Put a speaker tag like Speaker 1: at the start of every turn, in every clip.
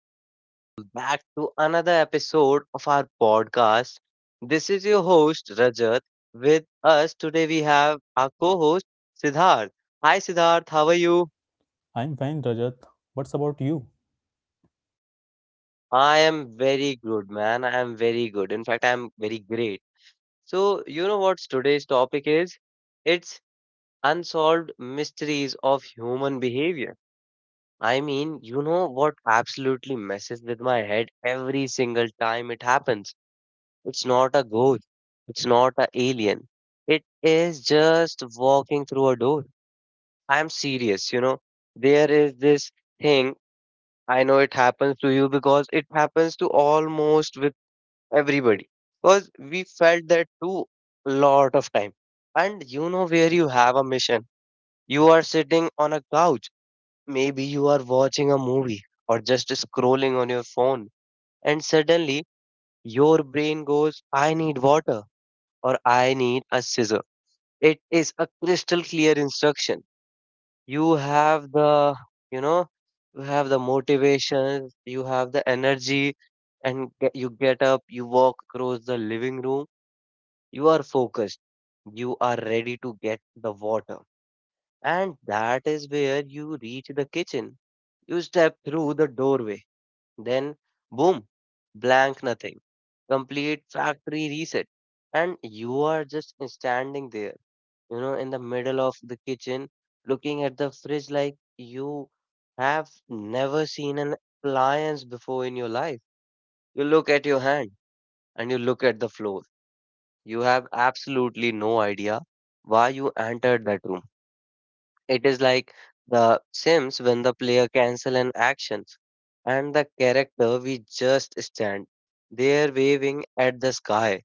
Speaker 1: everyone. Welcome back to another episode of our podcast. This is your host, Rajat. With us today, we have our co host, Siddharth. Hi, Siddharth. How are you?
Speaker 2: I'm fine, Rajat. What's about you?
Speaker 1: I am very good, man. I am very good. In fact, I am very great. So, you know what today's topic is? It's unsolved mysteries of human behavior. I mean, you know what absolutely messes with my head every single time it happens? It's not a ghost. It's not an alien. It is just walking through a door. I'm serious. There is this thing. I know it happens to you because it happens to almost with everybody. Because we felt that too a lot of time. And you know where you have a mission. You are sitting on a couch. Maybe you are watching a movie or just scrolling on your phone. And suddenly your brain goes, I need water, or I need a scissor. It is a crystal clear instruction. You have the, you know, you have the motivation, you have the energy, and you get up, you walk across the living room, you are focused, you are ready to get the water. And that is where you reach the kitchen. You step through the doorway, then boom, blank nothing, complete factory reset, and you are just standing there, in the middle of the kitchen, looking at the fridge like you have never seen an appliance before in your life. You look at your hand and you look at the floor. You have absolutely no idea why you entered that room. It is like the Sims when the player cancel an actions and the character we just stand there waving at the sky.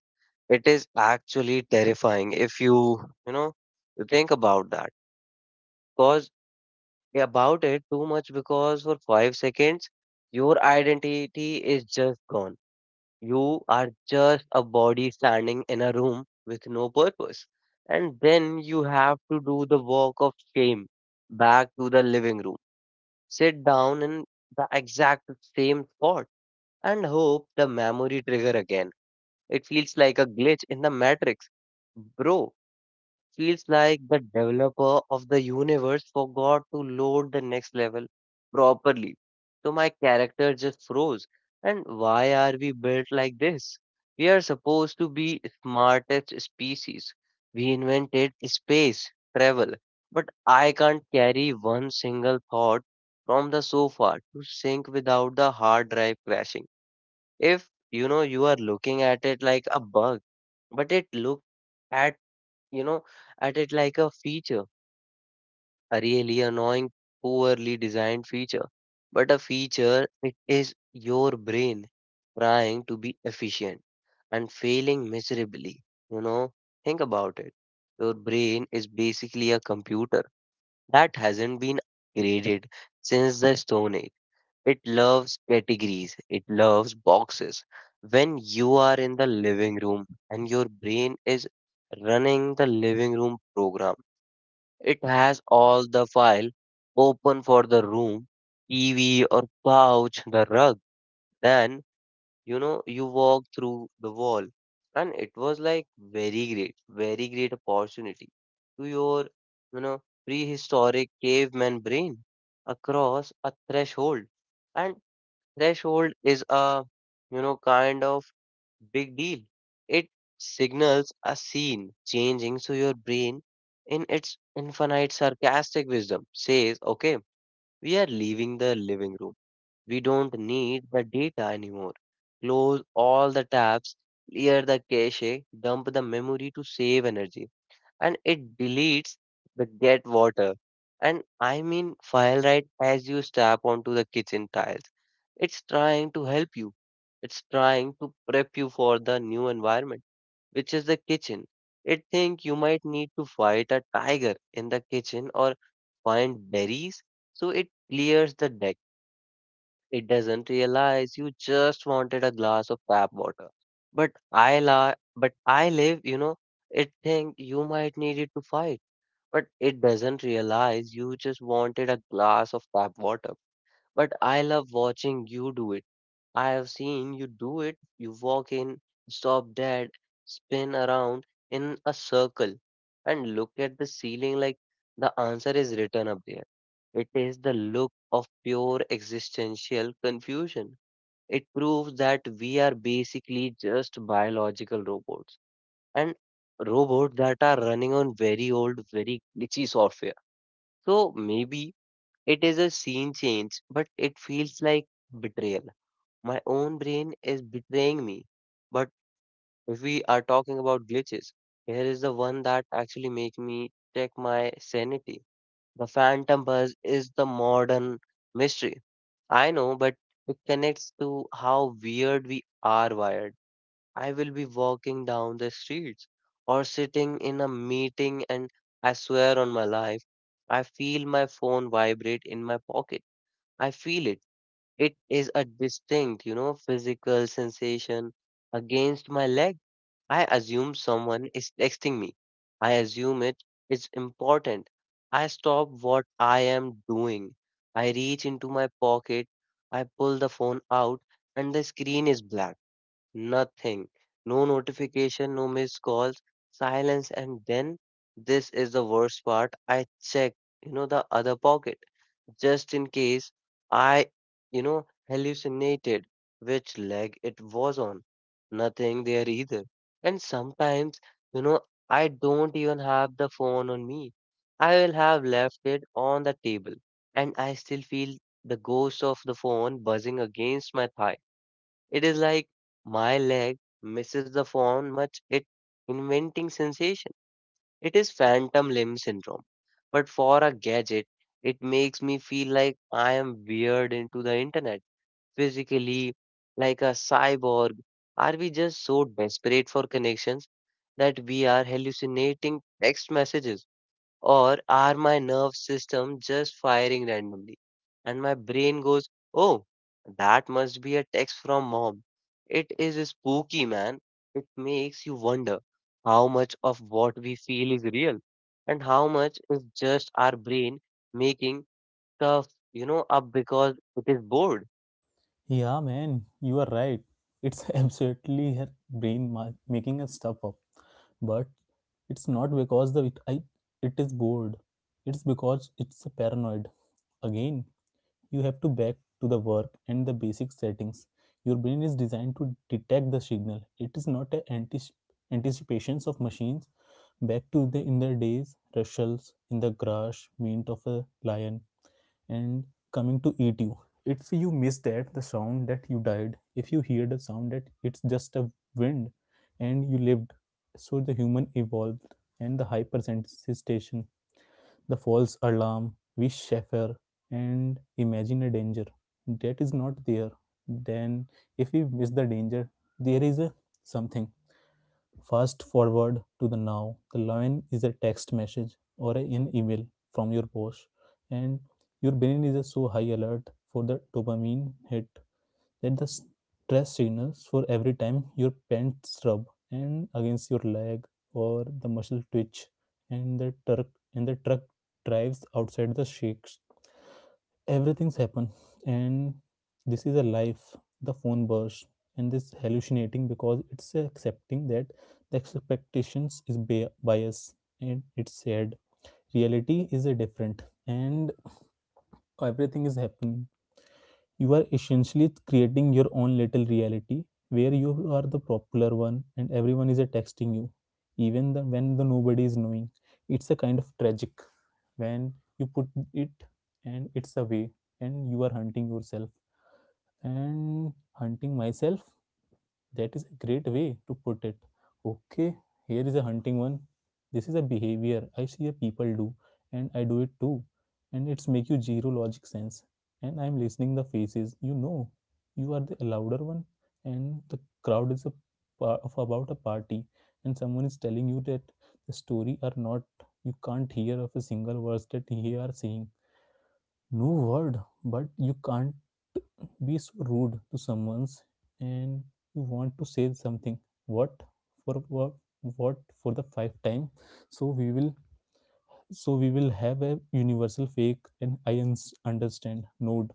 Speaker 1: It is actually terrifying if you, you know, you think about that because about it too much because for 5 seconds, your identity is just gone. You are just a body standing in a room with no purpose. And then you have to do the walk of shame back to the living room. Sit down in the exact same spot and hope the memory trigger again. It feels like a glitch in the matrix. Bro, feels like the developer of the universe forgot to load the next level properly. So my character just froze. And why are we built like this? We are supposed to be smartest species. We invented space travel, but I can't carry one single thought from the sofa to sync without the hard drive crashing. If you know you are looking at it like a bug, but it looks at you know, at it like a feature, a really annoying, poorly designed feature. But a feature, it is your brain trying to be efficient and failing miserably. You know, think about it. Your brain is basically a computer that hasn't been upgraded since the Stone Age. It loves categories, it loves boxes. When you are in the living room and your brain is running the living room program, it has all the file open for the room, TV or couch, the rug. Then, you walk through the wall. And it was like very great, very great opportunity to your prehistoric caveman brain across a threshold. And threshold is a kind of big deal. It signals a scene changing so your brain, in its infinite sarcastic wisdom, says, okay, we are leaving the living room. We don't need the data anymore. Close all the tabs, clear the cache, dump the memory to save energy and it deletes the get water. And I mean file right as you step onto the kitchen tiles. It's trying to help you. It's trying to prep you for the new environment, which is the kitchen. It think you might need to fight a tiger in the kitchen or find berries, so it clears the deck. It doesn't realize you just wanted a glass of tap water. But I live, it think you might need it to fight but it doesn't realize you just wanted a glass of tap water. But I love watching you do it. I have seen you do it. You walk in, stop dead, spin around in a circle, and look at the ceiling like the answer is written up there. It is the look of pure existential confusion. It proves that we are basically just biological robots and robots that are running on very old, very glitchy software so maybe it is a scene change, but it feels like betrayal. My own brain is betraying me. But if we are talking about glitches, here is the one that actually make me check my sanity. The phantom buzz is the modern mystery. I know, but it connects to how weird we are wired. I will be walking down the streets or sitting in a meeting, and I swear on my life, I feel my phone vibrate in my pocket. I feel it. It is a distinct, physical sensation against my leg. I assume someone is texting me. I assume it is important. I stop what I am doing. I reach into my pocket. I pull the phone out, and the screen is black. Nothing. No notification, no missed calls, silence, and then this is the worst part. I check, the other pocket just in case I, hallucinated which leg it was on. Nothing there either. And sometimes, you know, I don't even have the phone on me. I will have left it on the table, and I still feel the ghost of the phone buzzing against my thigh. It is like my leg misses the phone much it inventing sensation. It is phantom limb syndrome. But for a gadget, it makes me feel like I am weird into the internet, physically, like a cyborg. Are we just so desperate for connections that we are hallucinating text messages? Or are my nerve system just firing randomly? And my brain goes, oh, that must be a text from mom. It is spooky, man. It makes you wonder how much of what we feel is real and how much is just our brain making stuff, up because it is bored.
Speaker 2: Yeah, man, you are right. It's absolutely her brain making us stuff up. But it's not because it is bored. It's because it's a paranoid. Again, you have to back to the work and the basic settings. Your brain is designed to detect the signal, it is not a anticipations of machines. Back to the in the days, rustles in the grass, mint of a lion and coming to eat you. If you miss that the sound that you died, if you hear the sound that it's just a wind and you lived. So the human evolved, and the hypersensitization, the false alarm, we suffer and imagine a danger that is not there. Then, if we miss the danger, there is a something. Fast forward to the now. The line is a text message or an email from your boss, and your brain is a so high alert for the dopamine hit, let the stress signals for every time your pants rub and against your leg or the muscle twitch and the truck drives outside the shakes. Everything's happen and this is a life, the phone burst and this hallucinating because it's accepting that the expectations is bias and it's sad. Reality is a different and everything is happening. You are essentially creating your own little reality where you are the popular one and everyone is texting you, even the, when the nobody is knowing. It's a kind of tragic when you put it and it's away and you are hunting yourself and hunting myself, that is a great way to put it. Okay, here is a hunting one. This is a behavior I see a people do, and I do it too. And it's make you zero logic sense. And I'm listening the faces. You know, you are the louder one, and the crowd is a part of about a party, and someone is telling you that the story are not. You can't hear of a single words that he are saying. No word, but you can't be so rude to someone's and you want to say something, what for what, what for the five time. So we will so we will have a universal fake and I understand node,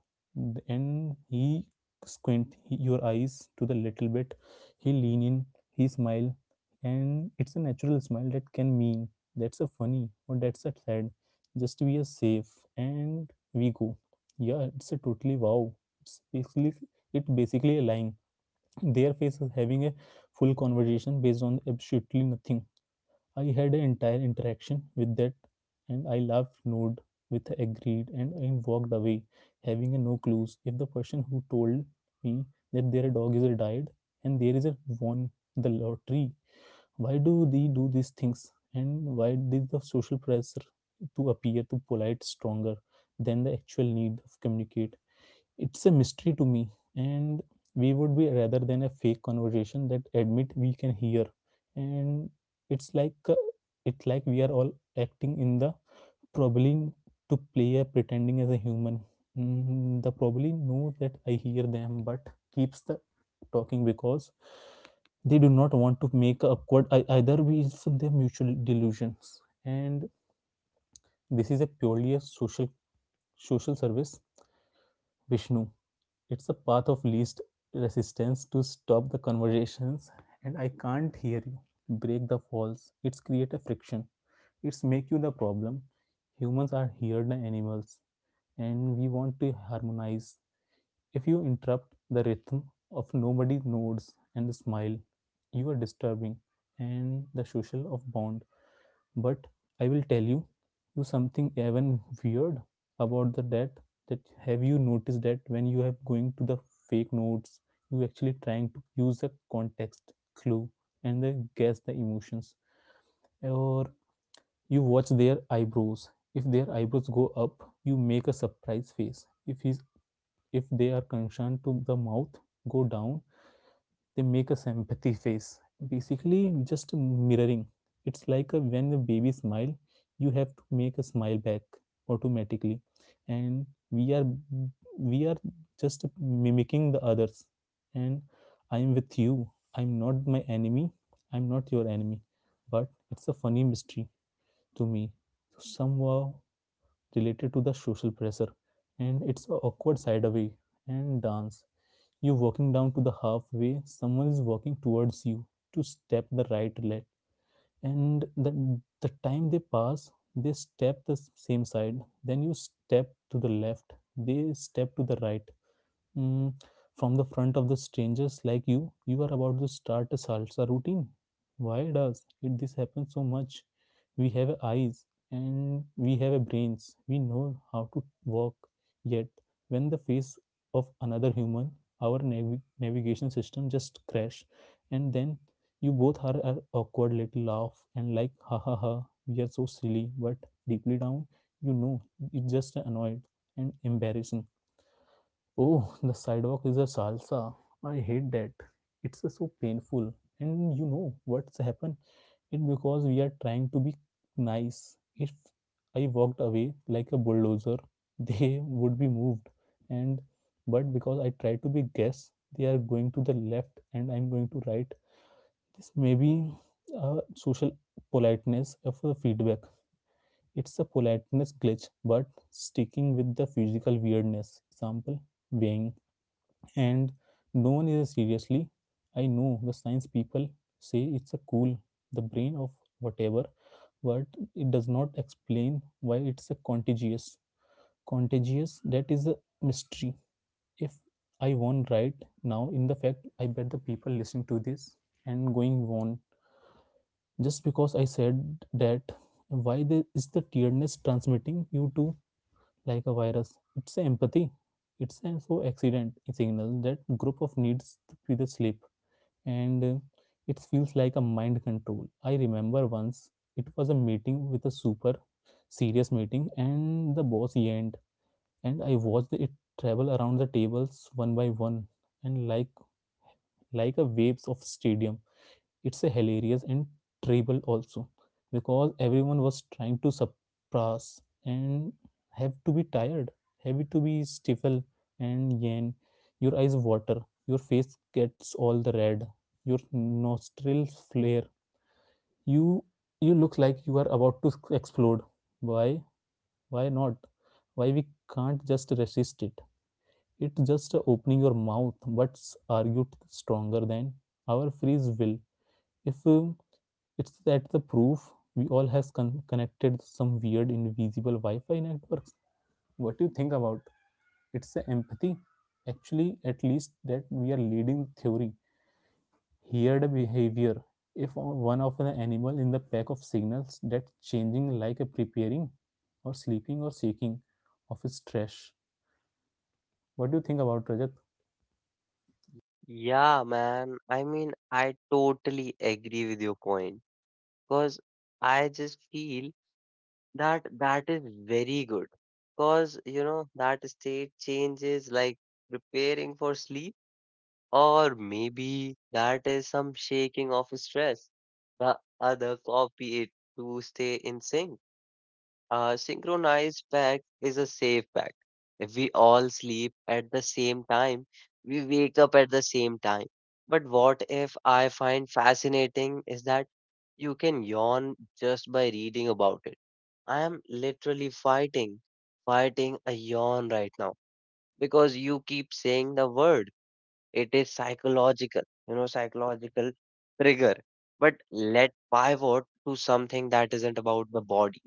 Speaker 2: and he squint your eyes to the little bit, he lean in, he smile, and it's a natural smile that can mean that's a funny or that's a sad. Just we are safe and we go, yeah, it's a totally wow. It's basically, it basically a lying. Their face is having a full conversation based on absolutely nothing. I had an entire interaction with that, and I laughed, nodded with agreed, and I walked away, having a no clues if the person who told me that their dog is a died and there is a won the lottery. Why do they do these things, and why did the social pressure to appear to polite stronger than the actual need of communicate? It's a mystery to me. And we would be rather than a fake conversation that admit we can hear. And it's like uh, it's like we are all acting in the probably to play a pretending as a human. Mm, the probably knows that I hear them but keeps the talking because they do not want to make a awkward either way is their mutual delusions, and this is a purely a social social service vishnu. It's a path of least resistance to stop the conversations, and I can't hear you. Break the falls. It's create a friction. It's make you the problem. Humans are here the animals and we want to harmonize. If you interrupt the rhythm of nobody nods and the smile, you are disturbing and the social of bond. But I will tell you, you something even weird about the that. That Have you noticed that when you have going to the fake notes, you actually trying to use the context clue and then guess the emotions? Or you watch their eyebrows. If their eyebrows go up, you make a surprise face. If they are concerned to the mouth, go down, they make a sympathy face. Basically just mirroring. It's like a, when the baby smile, you have to make a smile back automatically. And we are we are just mimicking the others. And I am with you, I'm not my enemy I'm not your enemy. But it's a funny mystery to me, somehow related to the social pressure. And it's a awkward side away and dance. You're walking down to the halfway, someone is walking towards you, to step the right leg. And the time they pass, they step the same side. Then you step to the left, they step to the right. Mm, from the front of the strangers like you are about to start a salsa routine. Why does it this happen so much? We have eyes and we have brains. We know how to walk. Yet, when the face of another human, our navigation system just crash, and then you both are awkward little laugh and like ha ha ha, we are so silly. But deeply down, you know it's just annoyed and embarrassing. Oh, the sidewalk is a salsa. I hate that. It's so painful. And you know what's happened? It's because we are trying to be nice. If I walked away like a bulldozer, they would be moved. And but because I try to be guess, they are going to the left and I'm going to right. This may be a social politeness of a feedback. It's a politeness glitch, but sticking with the physical weirdness. Example, weighing and no one is seriously. I know the science people say it's a cool the brain of whatever, but it does not explain why it's a contagious that is a mystery. If I won right now, in the fact I bet the people listen to this and going on just because I said that. Why there is the tiredness transmitting you to like a virus. It's a empathy, it's a so accident signal that group of needs to be the sleep. And it feels like a mind control. I remember once it was a meeting with a super serious meeting, and the boss yawned, and I watched it travel around the tables one by one, and like a waves of stadium. It's a hilarious and terrible also, because everyone was trying to suppress and have to be tired, have to be stifle and yawn. Your eyes water, your face gets all the red, your nostrils flare, you you look like you are about to explode. Why? Why not? Why we can't just resist it? It's just opening your mouth but argued stronger than our free will. If it's that the proof we all has connected some weird invisible Wi-Fi networks. What do you think about? It's the empathy. Actually, at least that we are leading theory. Here the behavior. If one of the animal in the pack of signals that changing like a preparing or sleeping or shaking of its trash. What do you think about, Rajat?
Speaker 1: Yeah, man. I mean, I totally agree with your point because I just feel that that is very good. Cause you know that state changes like preparing for sleep, or maybe that is some shaking of stress. The other copy it to stay in sync. A synchronized pack is a safe pack. If we all sleep at the same time, we wake up at the same time. But what if I find fascinating is that you can yawn just by reading about it. I am literally fighting a yawn right now because you keep saying the word. It is psychological trigger. But let pivot to something that isn't about the body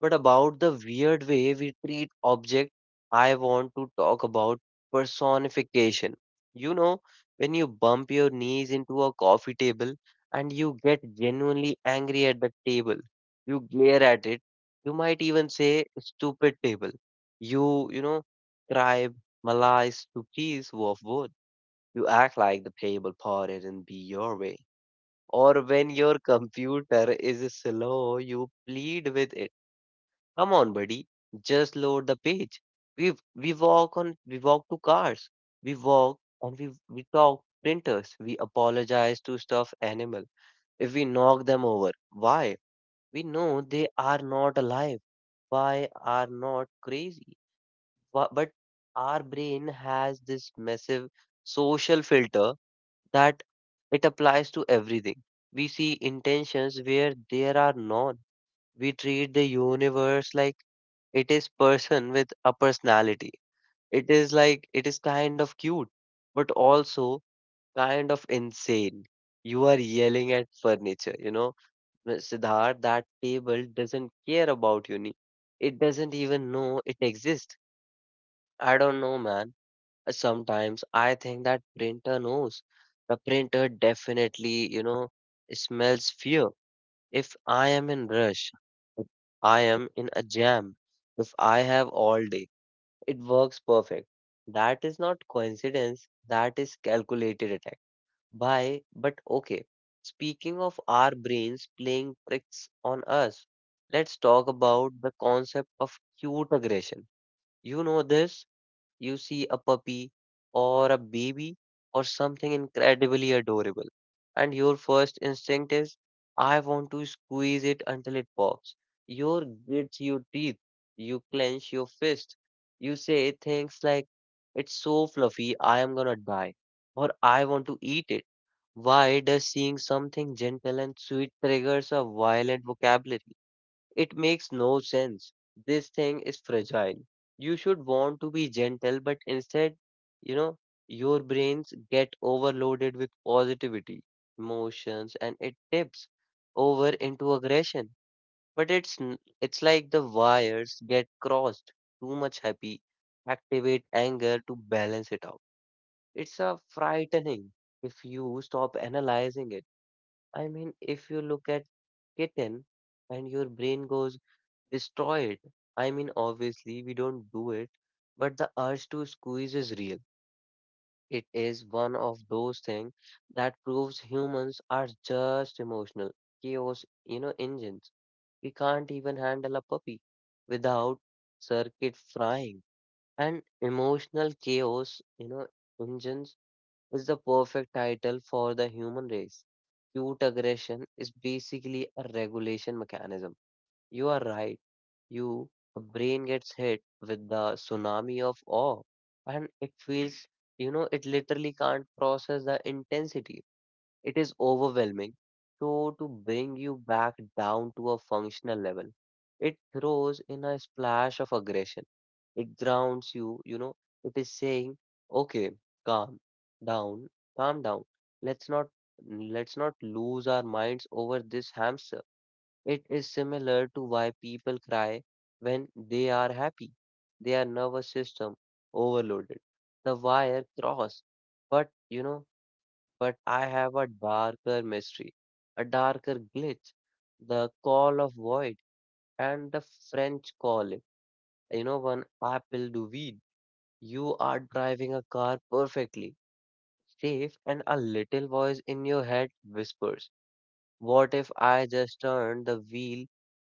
Speaker 1: but about the weird way we treat objects. I want to talk about personification. You know, when you bump your knees into a coffee table and you get genuinely angry at the table, you glare at it, you might even say, stupid table. You cry Malay stupis of wood. You act like the table parted and be your way. Or when your computer is slow, you plead with it, come on, buddy. Just load the page. We walk to cars. We walk and we talk printers. We apologize to stuffed animal if we knock them over. Why? We know they are not alive. Why are not crazy? But our brain has this massive social filter that it applies to everything. We see intentions where there are none. We treat the universe like it is person with a personality. It is like it is kind of cute but also kind of insane. You are yelling at furniture. Siddharth, that table doesn't care about you, it doesn't even know it exists. I don't know, man. Sometimes I think that printer knows. The printer definitely smells fear. If I am in rush, if I am in a jam, if I have all day, it works perfect. That is not coincidence, that is calculated attack. Why? But okay. Speaking of our brains playing tricks on us, let's talk about the concept of cute aggression. You know this? You see a puppy or a baby or something incredibly adorable, and your first instinct is, I want to squeeze it until it pops. You grit your teeth, you clench your fist, you say things like, it's so fluffy, I am gonna die, or I want to eat it. Why does seeing something gentle and sweet triggers a violent vocabulary? It makes no sense. This thing is fragile. You should want to be gentle, but instead, you know, your brains get overloaded with positivity, emotions, and it tips over into aggression. But it's like the wires get crossed. Too much happy, activate anger to balance it out. It's a frightening if you stop analyzing it. I mean, if you look at kitten and your brain goes destroy it. I mean, obviously, we don't do it, but the urge to squeeze is real. It is one of those things that proves humans are just emotional chaos, you know, engines. We can't even handle a puppy without circuit frying. And emotional chaos, engines is the perfect title for the human race. Cute aggression is basically a regulation mechanism you are right. You brain gets hit with the tsunami of awe and it feels, it literally can't process the intensity. It is overwhelming. So to bring you back down to a functional level, it throws in a splash of aggression. It grounds you, you know, it is saying, okay, calm down, calm down. Let's not let's not lose our minds over this hamster it is similar to why people cry when they are happy. Their nervous system overloaded. The wire cross. But you know, but I have a darker mystery, a darker glitch, the call of void, and the French call it. You know, one apple do weed. You are driving a car perfectly safe, and a little voice in your head whispers, "What if I just turn the wheel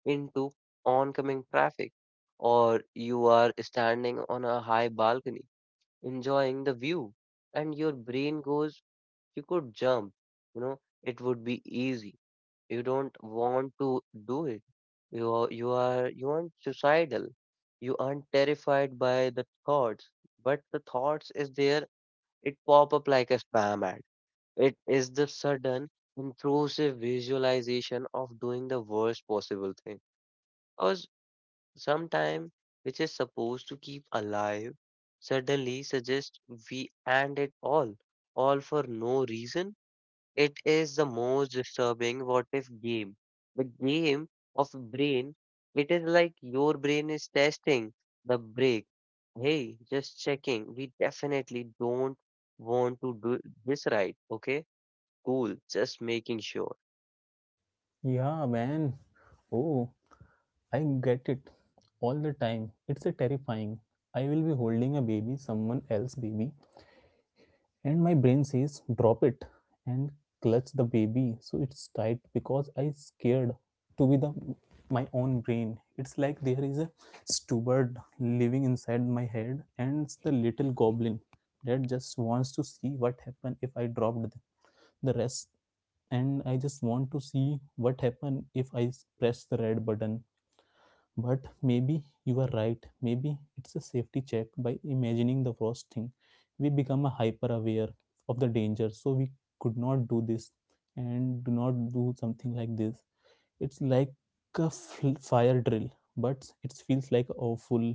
Speaker 1: into oncoming traffic, or you are standing on a high balcony enjoying the view, and your brain goes, you could jump, you know, it would be easy. You don't want to do it. You aren't suicidal. You aren't terrified by the thoughts, but the thoughts is there. It pop up like a spam ad. It is the sudden intrusive visualization of doing the worst possible thing. I was Sometime which is supposed to keep alive suddenly suggests we end it all for no reason. It is the most disturbing what if game. The game of brain, it is like your brain is testing the break. Hey, just checking. We definitely don't want to do this right. Okay, cool. Just making sure.
Speaker 2: Yeah, man. Oh, I get it all the time. It's a terrifying. I will be holding a baby, someone else baby, and my brain says, drop it, and clutch the baby. So it's tight because I scared to be the my own brain. It's like there is a steward living inside my head and it's the little goblin that just wants to see what happened if I dropped the rest, and I just want to see what happened if I press the red button. But maybe you are right. Maybe it's a safety check by imagining the worst thing. We become a hyper aware of the danger, so we could not do this and do not do something like this. It's like a fire drill, but it feels like awful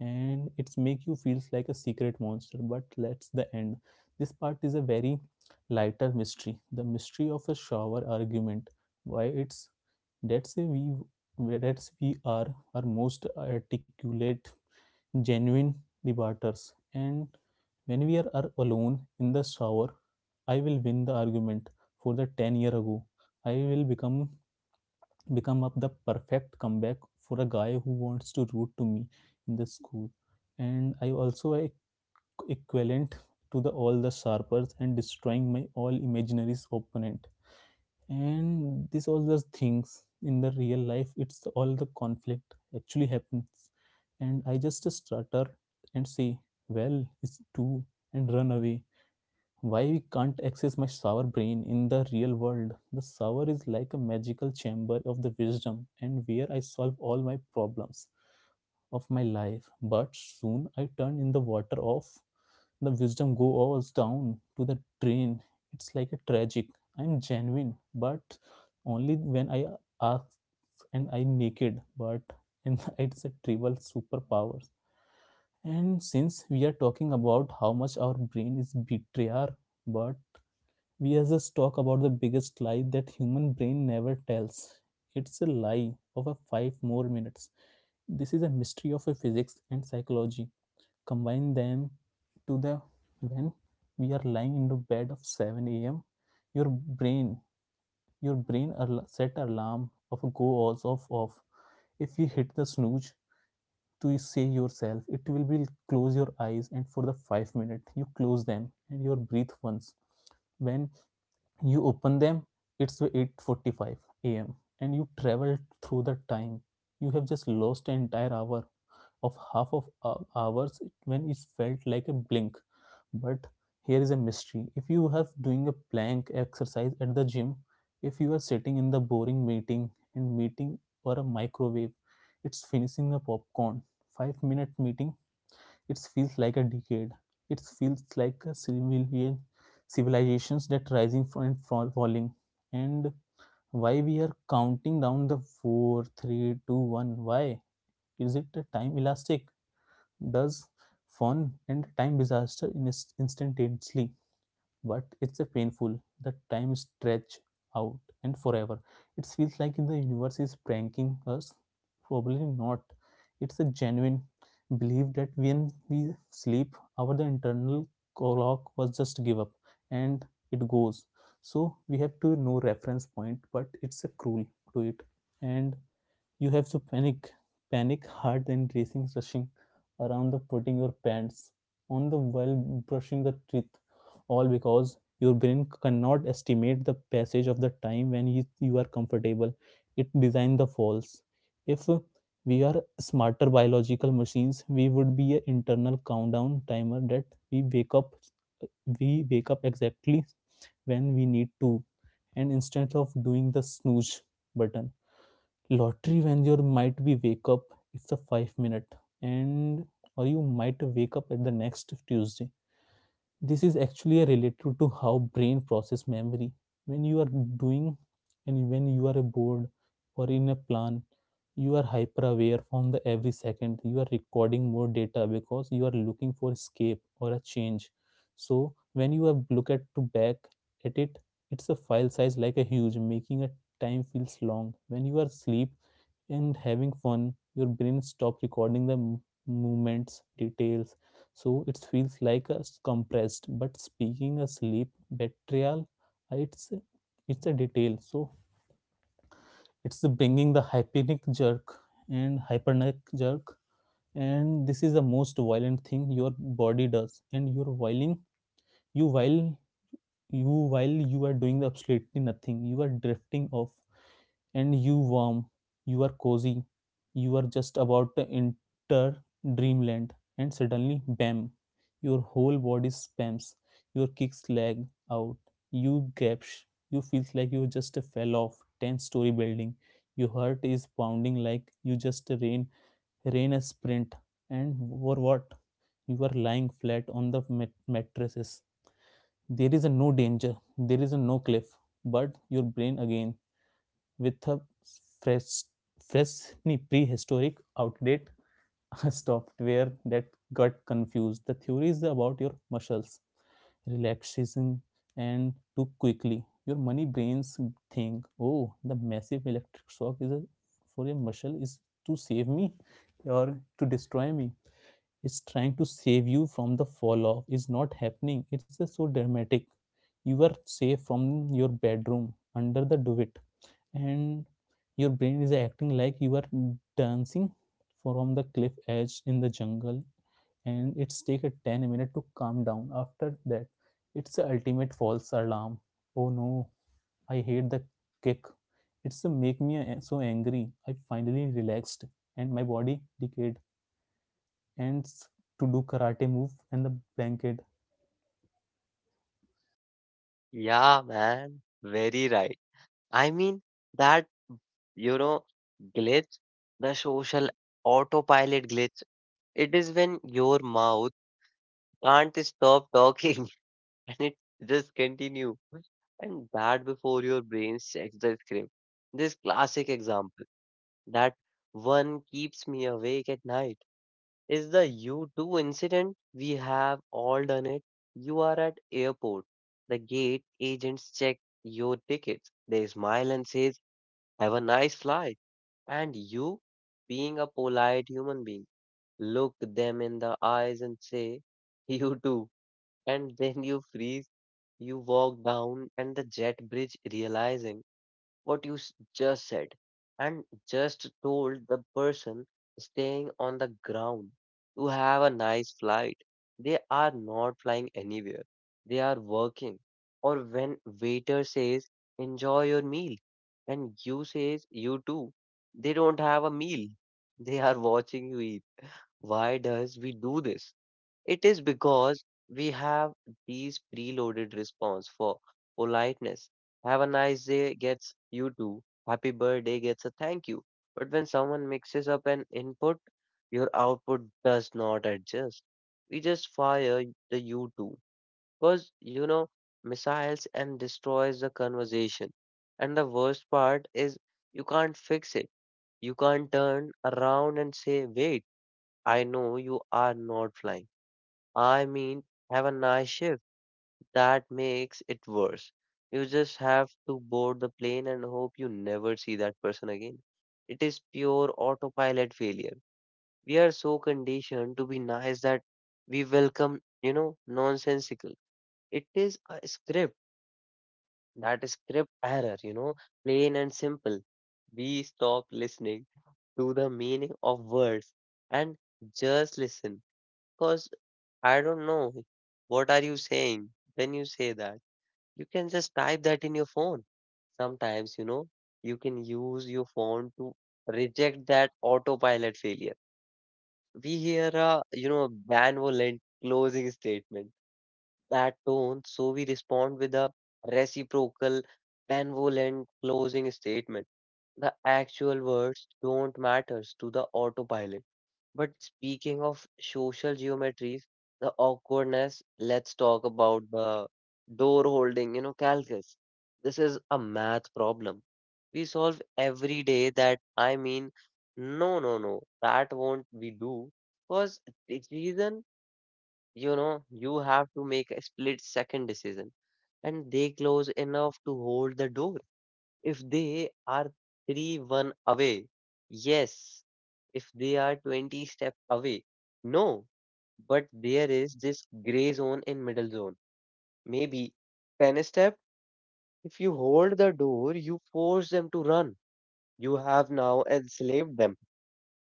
Speaker 2: and it's make you feels like a secret monster. But that's the end. This part is a very lighter mystery. The mystery of a shower argument. Why it's Let's say we, let's we are our most articulate, genuine debaters, and when we are alone in the shower, I will win the argument for the 10 year ago. I will become up the perfect comeback for a guy who wants to root to me in the school. And I also equivalent to the all the sharpers and destroying my all imaginary opponent, and this all those things in the real life it's all the conflict actually happens, and I just stutter and say, well, it's two, and run away. Why we can't access my sour brain in the real world? The sour is like a magical chamber of the wisdom and where I solve all my problems of my life, but soon I turned in the water off. The wisdom goes down to the drain. It's like a tragic. I'm genuine, but only when I ask and I naked, but and it's a trivial superpower. And since we are talking about how much our brain is betrayer, but we as just talk about the biggest lie that human brain never tells. It's a lie of a five more minutes. This is a mystery of a physics and psychology combine them to the when we are lying into bed of 7 a.m, your brain, set alarm of a go also of off. If you hit the snooze to say yourself it will be close your eyes, and for the 5 minutes you close them and you breathe once. When you open them, it's 8:45 a.m. and you travel through the time. You have just lost an entire hour of half of hours when it felt like a blink. But here is a mystery. If you have doing a plank exercise at the gym, if you are sitting in the boring meeting and meeting or a microwave, it's finishing a popcorn. 5 minute meeting, it feels like a decade. It feels like a civilian civilizations that rising and fall, falling. And why we are counting down the four, three, two, one? Why? Is it a time elastic? Does fun and time disaster in instantaneously, but it's a painful the time stretch out and forever. It feels like the universe is pranking us. Probably not. It's a genuine belief that when we sleep, our the internal clock was just give up and it goes, so we have to no reference point, but it's a cruel to it. And you have to panic, panic hard, and racing, rushing around the putting your pants on the while brushing the teeth, all because your brain cannot estimate the passage of the time when you are comfortable. It designed the falls. If we are smarter biological machines, we would be an internal countdown timer that we wake up, we wake up exactly when we need to, and instead of doing the snooze button lottery when you might be wake up it's a 5 minute, and or you might wake up at the next Tuesday. This is actually related to how brain process memory when you are doing, and when you are bored or in a plan, you are hyper aware from the every second you are recording more data because you are looking for escape or a change. So when you are look at to back at it, it's a file size like a huge, making a time feels long. When you are asleep and having fun, your brain stop recording the movements details, so it feels like a compressed. But speaking a sleep betrayal, uh, it's it's a detail. So it's the bringing the hypnic jerk and hypernic jerk, and this is the most violent thing your body does. And you're whiling you while you while you are doing the absolutely nothing. You are drifting off, and you warm, you are cozy, you are just about to enter dreamland, and suddenly, bam, your whole body spams, your kicks lag out, you gaps, you feels like you just fell off 10-story building, your heart is pounding like you just rain, rain a sprint, and for what? You are lying flat on the mattresses. There is a no danger, there is a no cliff, but your brain again with a fresh fresh nee, prehistoric outdated software that got confused. The theory is about your muscles relaxation and too quickly your money brains think, oh, the massive electric shock is a, for your muscle is to save me or to destroy me. It's trying to save you from the fall off is not happening. It's so dramatic. You are safe from your bedroom under the duvet, and your brain is acting like you are dancing from the cliff edge in the jungle, and it's take a 10 minutes to calm down after that. It's the ultimate false alarm. Oh no, I hate the kick. It's a make me so angry. I finally relaxed and my body decayed and to do karate move and the blanket.
Speaker 1: Yeah, man. Very right. I mean, that, you know, glitch, the social autopilot glitch, it is when your mouth can't stop talking and it just continue. And that before your brain checks the script. This classic example that one keeps me awake at night is the U2 incident. We have all done it. You are at airport. The gate agents check your tickets. They smile and says, "Have a nice flight." And you, being a polite human being, look them in the eyes and say, you too. And then you freeze, you walk down, and the jet bridge realizing what you s- just said and just told the person staying on the ground to have a nice flight. They are not flying anywhere. They are working. Or when waiter says enjoy your meal and you says you too. They don't have a meal. They are watching you eat. Why does we do this? It is because we have these preloaded response for politeness. Have a nice day gets you too. Happy birthday gets a thank you. But when someone mixes up an input, your output does not adjust. We just fire the you too. Because, you know, missiles and destroys the conversation. And the worst part is you can't fix it. You can't turn around and say, wait, I know you are not flying. I mean, have a nice shift. That makes it worse. You just have to board the plane and hope you never see that person again. It is pure autopilot failure. We are so conditioned to be nice that we welcome, you know, nonsensical. It is a script, that script error, you know, plain and simple. We stop listening to the meaning of words and just listen. Because. I don't know. What are you saying when you say that? You can just type that in your phone. Sometimes, you know, you can use your phone to reject that autopilot failure. We hear a, you know, benevolent closing statement, that tone, so we respond with a reciprocal, benevolent closing statement. The actual words don't matters to the autopilot. But speaking of social geometries, the awkwardness, let's talk about the door holding, you know, calculus. This is a math problem. We solve every day that I mean, no, that won't we do. Because the reason, you know, you have to make a split second decision and they close enough to hold the door if they are 3 1 away, yes. If they are 20 step away, no. But there is this gray zone in middle zone. Maybe 10 step, if you hold the door, you force them to run. You have now enslaved them.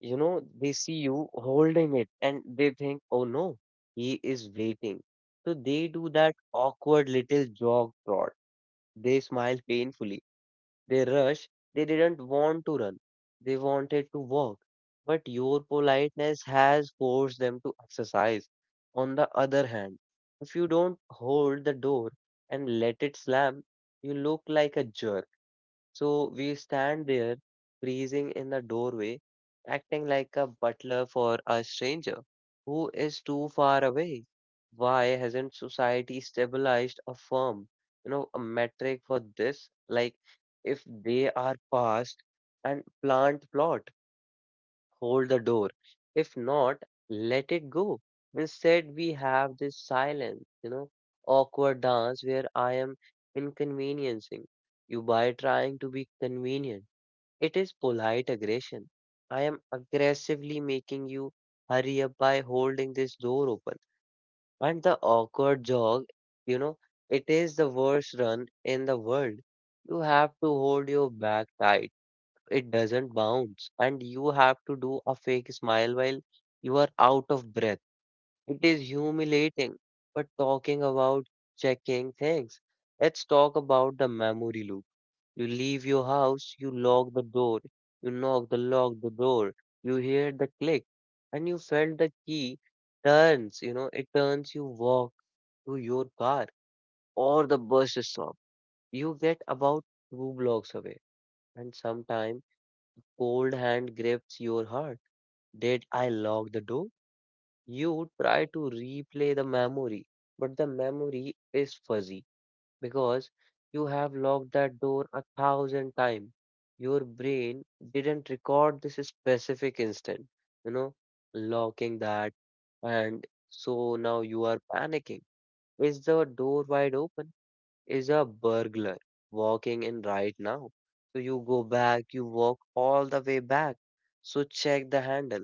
Speaker 1: You know, they see you holding it and they think, oh no, he is waiting. So they do that awkward little jog trot. They smile painfully They rushed. They didn't want to run. They wanted to walk. But your politeness has forced them to exercise. On the other hand, if you don't hold the door and let it slam, you look like a jerk. So we stand there, freezing in the doorway, acting like a butler for a stranger who is too far away. Why hasn't society stabilized a firm, you know, a metric for this? Like, if they are past and plant plot hold the door. If not, let it go. Instead, we have this silence, you know, awkward dance where I am inconveniencing you by trying to be convenient. It is polite aggression. I am aggressively making you hurry up by holding this door open. And the awkward jog, you know, it is the worst run in the world. You have to hold your back tight it doesn't bounce, and you have to do a fake smile while you are out of breath. It is humiliating. But talking about checking things, let's talk about the memory loop. You leave your house, you lock the door, you knock the lock the door, you hear the click, and you felt the key turns, you know, it turns you walk to your car or the bus stop. You get about two blocks away, and sometime cold hand grips your heart. Did I lock the door? You try to replay the memory, but the memory is fuzzy because you have locked that door a thousand times. Your brain didn't record this specific instant, you know, locking that, and so now you are panicking. Is the door wide open? Is a burglar walking in right now. So you go back, you walk all the way back. So check the handle.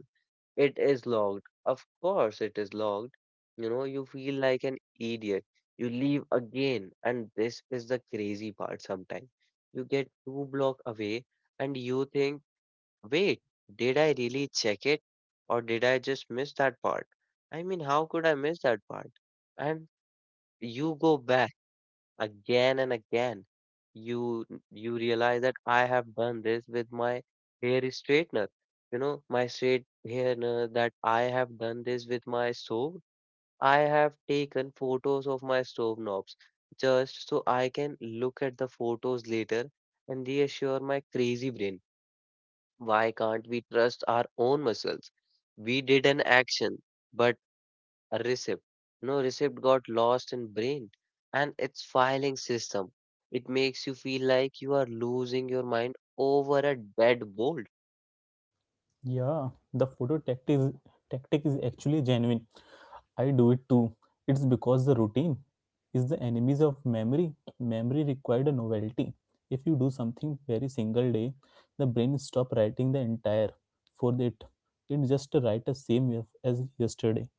Speaker 1: It is locked. Of course, it is locked. You know, you feel like an idiot. You leave again, and this is the crazy part sometimes. You get two block away, and you think, wait, did I really check it? Or did I just miss that part? I mean, how could I miss that part? And you go back again and again you you realize that I have done this with my hair straightener you know my straight hair that I have done this with my stove I have taken photos of my stove knobs just so I can look at the photos later and reassure my crazy brain why can't we trust our own muscles we did an action but a receipt. No receipt got lost in brain and its filing system. It makes you feel like you are losing your mind over a dead bolt.
Speaker 2: Yeah, the tactic is actually genuine. I do it too. It's because the routine is the enemies of memory. Memory required a novelty. If you do something very single day, the brain stop writing the entire for it. It just write the same as yesterday.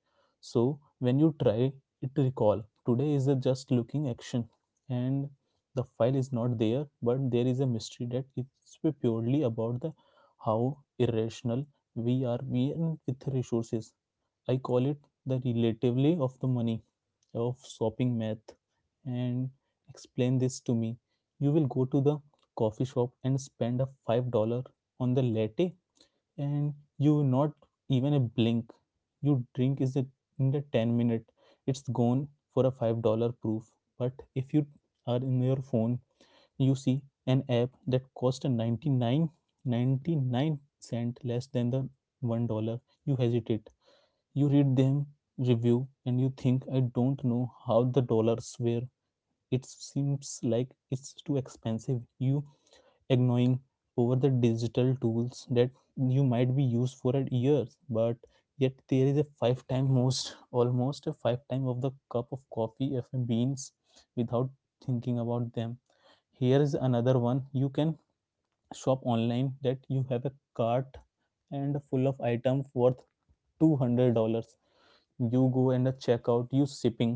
Speaker 2: So when you try it to recall, today is a just looking action, and the file is not there. But there is a mystery that it's purely about the how irrational we are being with resources. I call it the relatively of the money of shopping math. And explain this to me. You will go to the coffee shop and spend a $5 on the latte, and you will not even a blink. You drink is a, in the 10 minute, it's gone for a $5 proof. But if you are in your phone, you see an app that cost a 99 ninety-nine cent less than the $1, you hesitate, you read them, review, and you think, I don't know how the dollars were. It seems like it's too expensive. You ignoring over the digital tools that you might be used for a year, but yet there is a five time most, almost a five time of the cup of coffee of beans without thinking about them. Here is another one. You can shop online that you have a cart and full of items worth $200. You go and check out, you shipping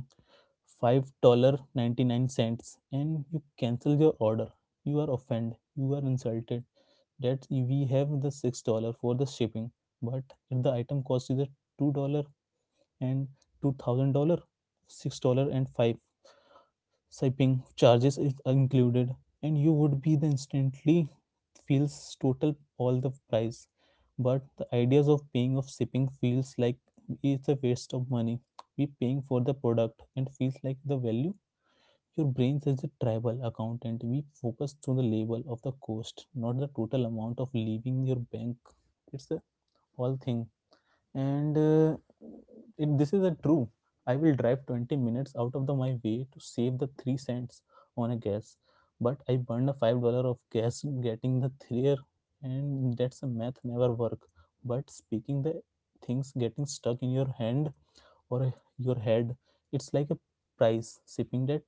Speaker 2: $5.99, and you cancel your order. You are offended, you are insulted that we have the $6 for the shipping. But if the item cost is a $2 and $2000, $6 and 5 shipping charges is included, and you would be the instantly feels total all the price. But the ideas of paying of shipping feels like it's a waste of money. We paying for the product and feels like the value. Your brain says the tribal accountant, we focus to the label of the cost, not the total amount of leaving your bank. It's a all thing. And if this is a true, I will drive 20 minutes out of my way to save the 3 cents on a gas, but I burned a $5 of gas getting the three. And that's a math never work. But speaking the things getting stuck in your hand or your head, it's like a price sipping that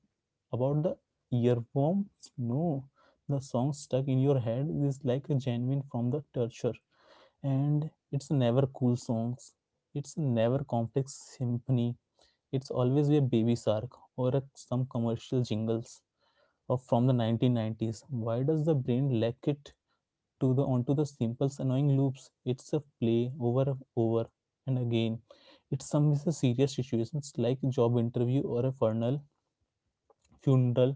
Speaker 2: about the earworms. No, the song stuck in your head is like a genuine from the torture. And it's never cool songs, it's never complex symphony, it's always a baby shark or a, some commercial jingles of from the 1990s. Why does the brain lack it to the onto the simple annoying loops? It's a play over and over and again. It's some is a serious situations like job interview or a funeral.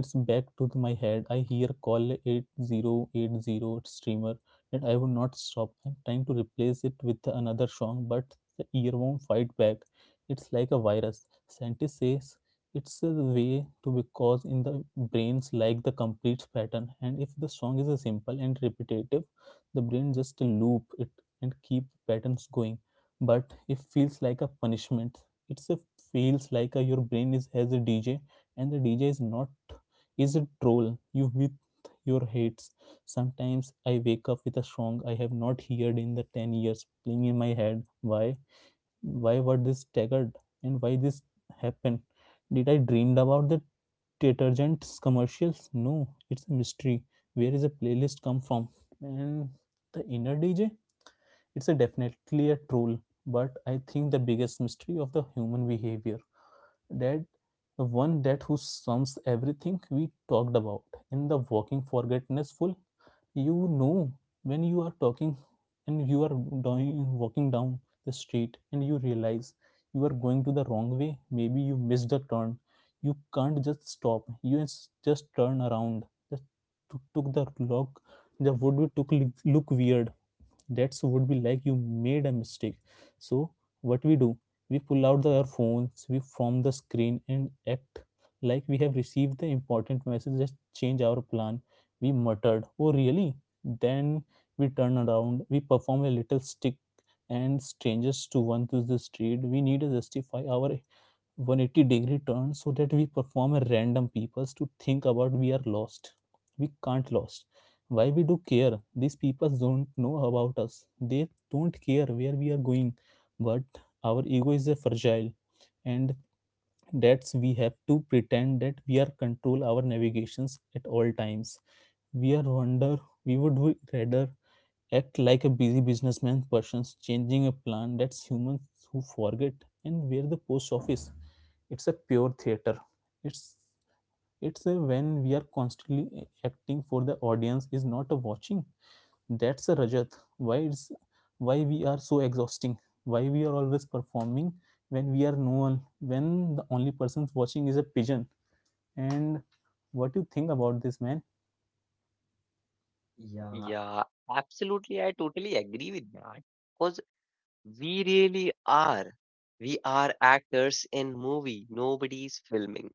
Speaker 2: It's back to my head. I hear call 8080 streamer, and I would not stop. I'm trying to replace it with another song, but the ear won't fight back. It's like a virus. Scientist says it's the way to because in the brains like the complete pattern. And if the song is a simple and repetitive, the brain just loop it and keep patterns going. But it feels like a punishment. It's a feels like a, your brain is as a DJ, and the DJ is not is a troll you with your hates. Sometimes I wake up with a song I have not heard in the 10 years playing in my head. Why? Why were this staggered, and why this happened? Did I dreamed about the detergents commercials? No, it's a mystery. Where is a playlist come from? And the inner DJ, it's a definitely a troll. But I think the biggest mystery of the human behavior, that the one that who sums everything we talked about in the walking forgetful, you know, when you are talking and you are doing walking down the street and you realize you are going to the wrong way, maybe you missed a turn. You can't just stop, you just turn around, just took the log, the wood we took look weird. That's would be like you made a mistake. So what we do, we pull out our phones, we from the screen and act like we have received the important message just change our plan. We muttered, oh really. Then we turn around, we perform a little stick and strangers to one through the street. We need to justify our 180 degree turn so that we perform a random peoples to think about we are lost. We can't lost. Why we do care? These people don't know about us, they don't care where we are going. But our ego is a fragile, and that's we have to pretend that we are control our navigations at all times. We are wonder, we would rather act like a busy businessman persons changing a plan, that's humans who forget and where the post office. It's a pure theater. it's it's a when we are constantly acting for the audience is not a watching. That's a rajat why it's why we are so exhausting, why we are always performing when we are no one, when the only person watching is a pigeon. And what do you think about this, man? Yeah,
Speaker 1: Yeah, absolutely. I totally agree with that. Because we really are. We are actors in movie. Nobody's filming.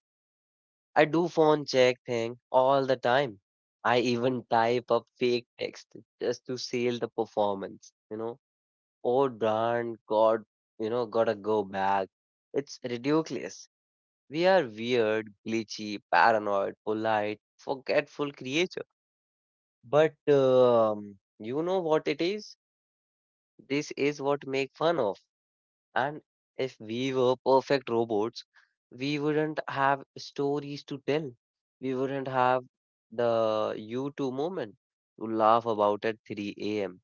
Speaker 1: I do phone check thing all the time. I even type up fake text just to sell the performance, you know. Oh darn God, you know, gotta go back. It's ridiculous. We are weird, glitchy, paranoid, polite, forgetful creature. But you know what it is? This is what make fun of. And if we were perfect robots, we wouldn't have stories to tell. We wouldn't have the U2 moment to laugh about at 3 a.m.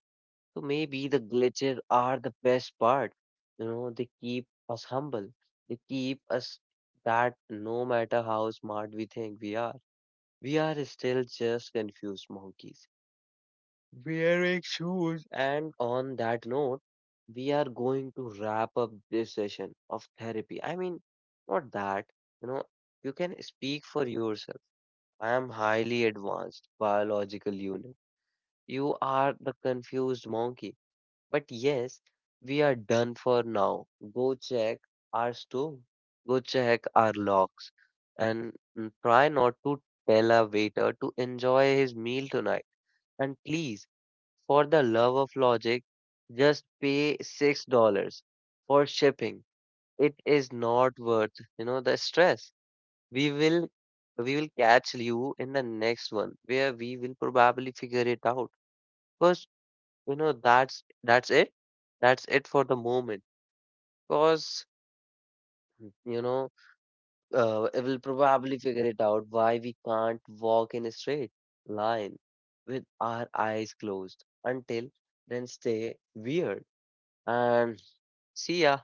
Speaker 1: So maybe the glitches are the best part. You know, they keep us humble. They keep us that no matter how smart we think we are still just confused monkeys wearing shoes. And on that note, we are going to wrap up this session of therapy. I mean, not that, you know, you can speak for yourself. I am highly advanced biological unit. You are the confused monkey but yes, we are done for now. Go check our stove, go check our locks, and mm, try not to tell a waiter to enjoy his meal tonight. And please, for the love of logic, just pay $6 for shipping. It is not worth, you know, the stress. We will we will catch you in the next one where we will probably figure it out. Because, you know, that's it. That's it for the moment. Because, you know, it will probably figure it out why we can't walk in a straight line with our eyes closed. Until then, stay weird and see ya.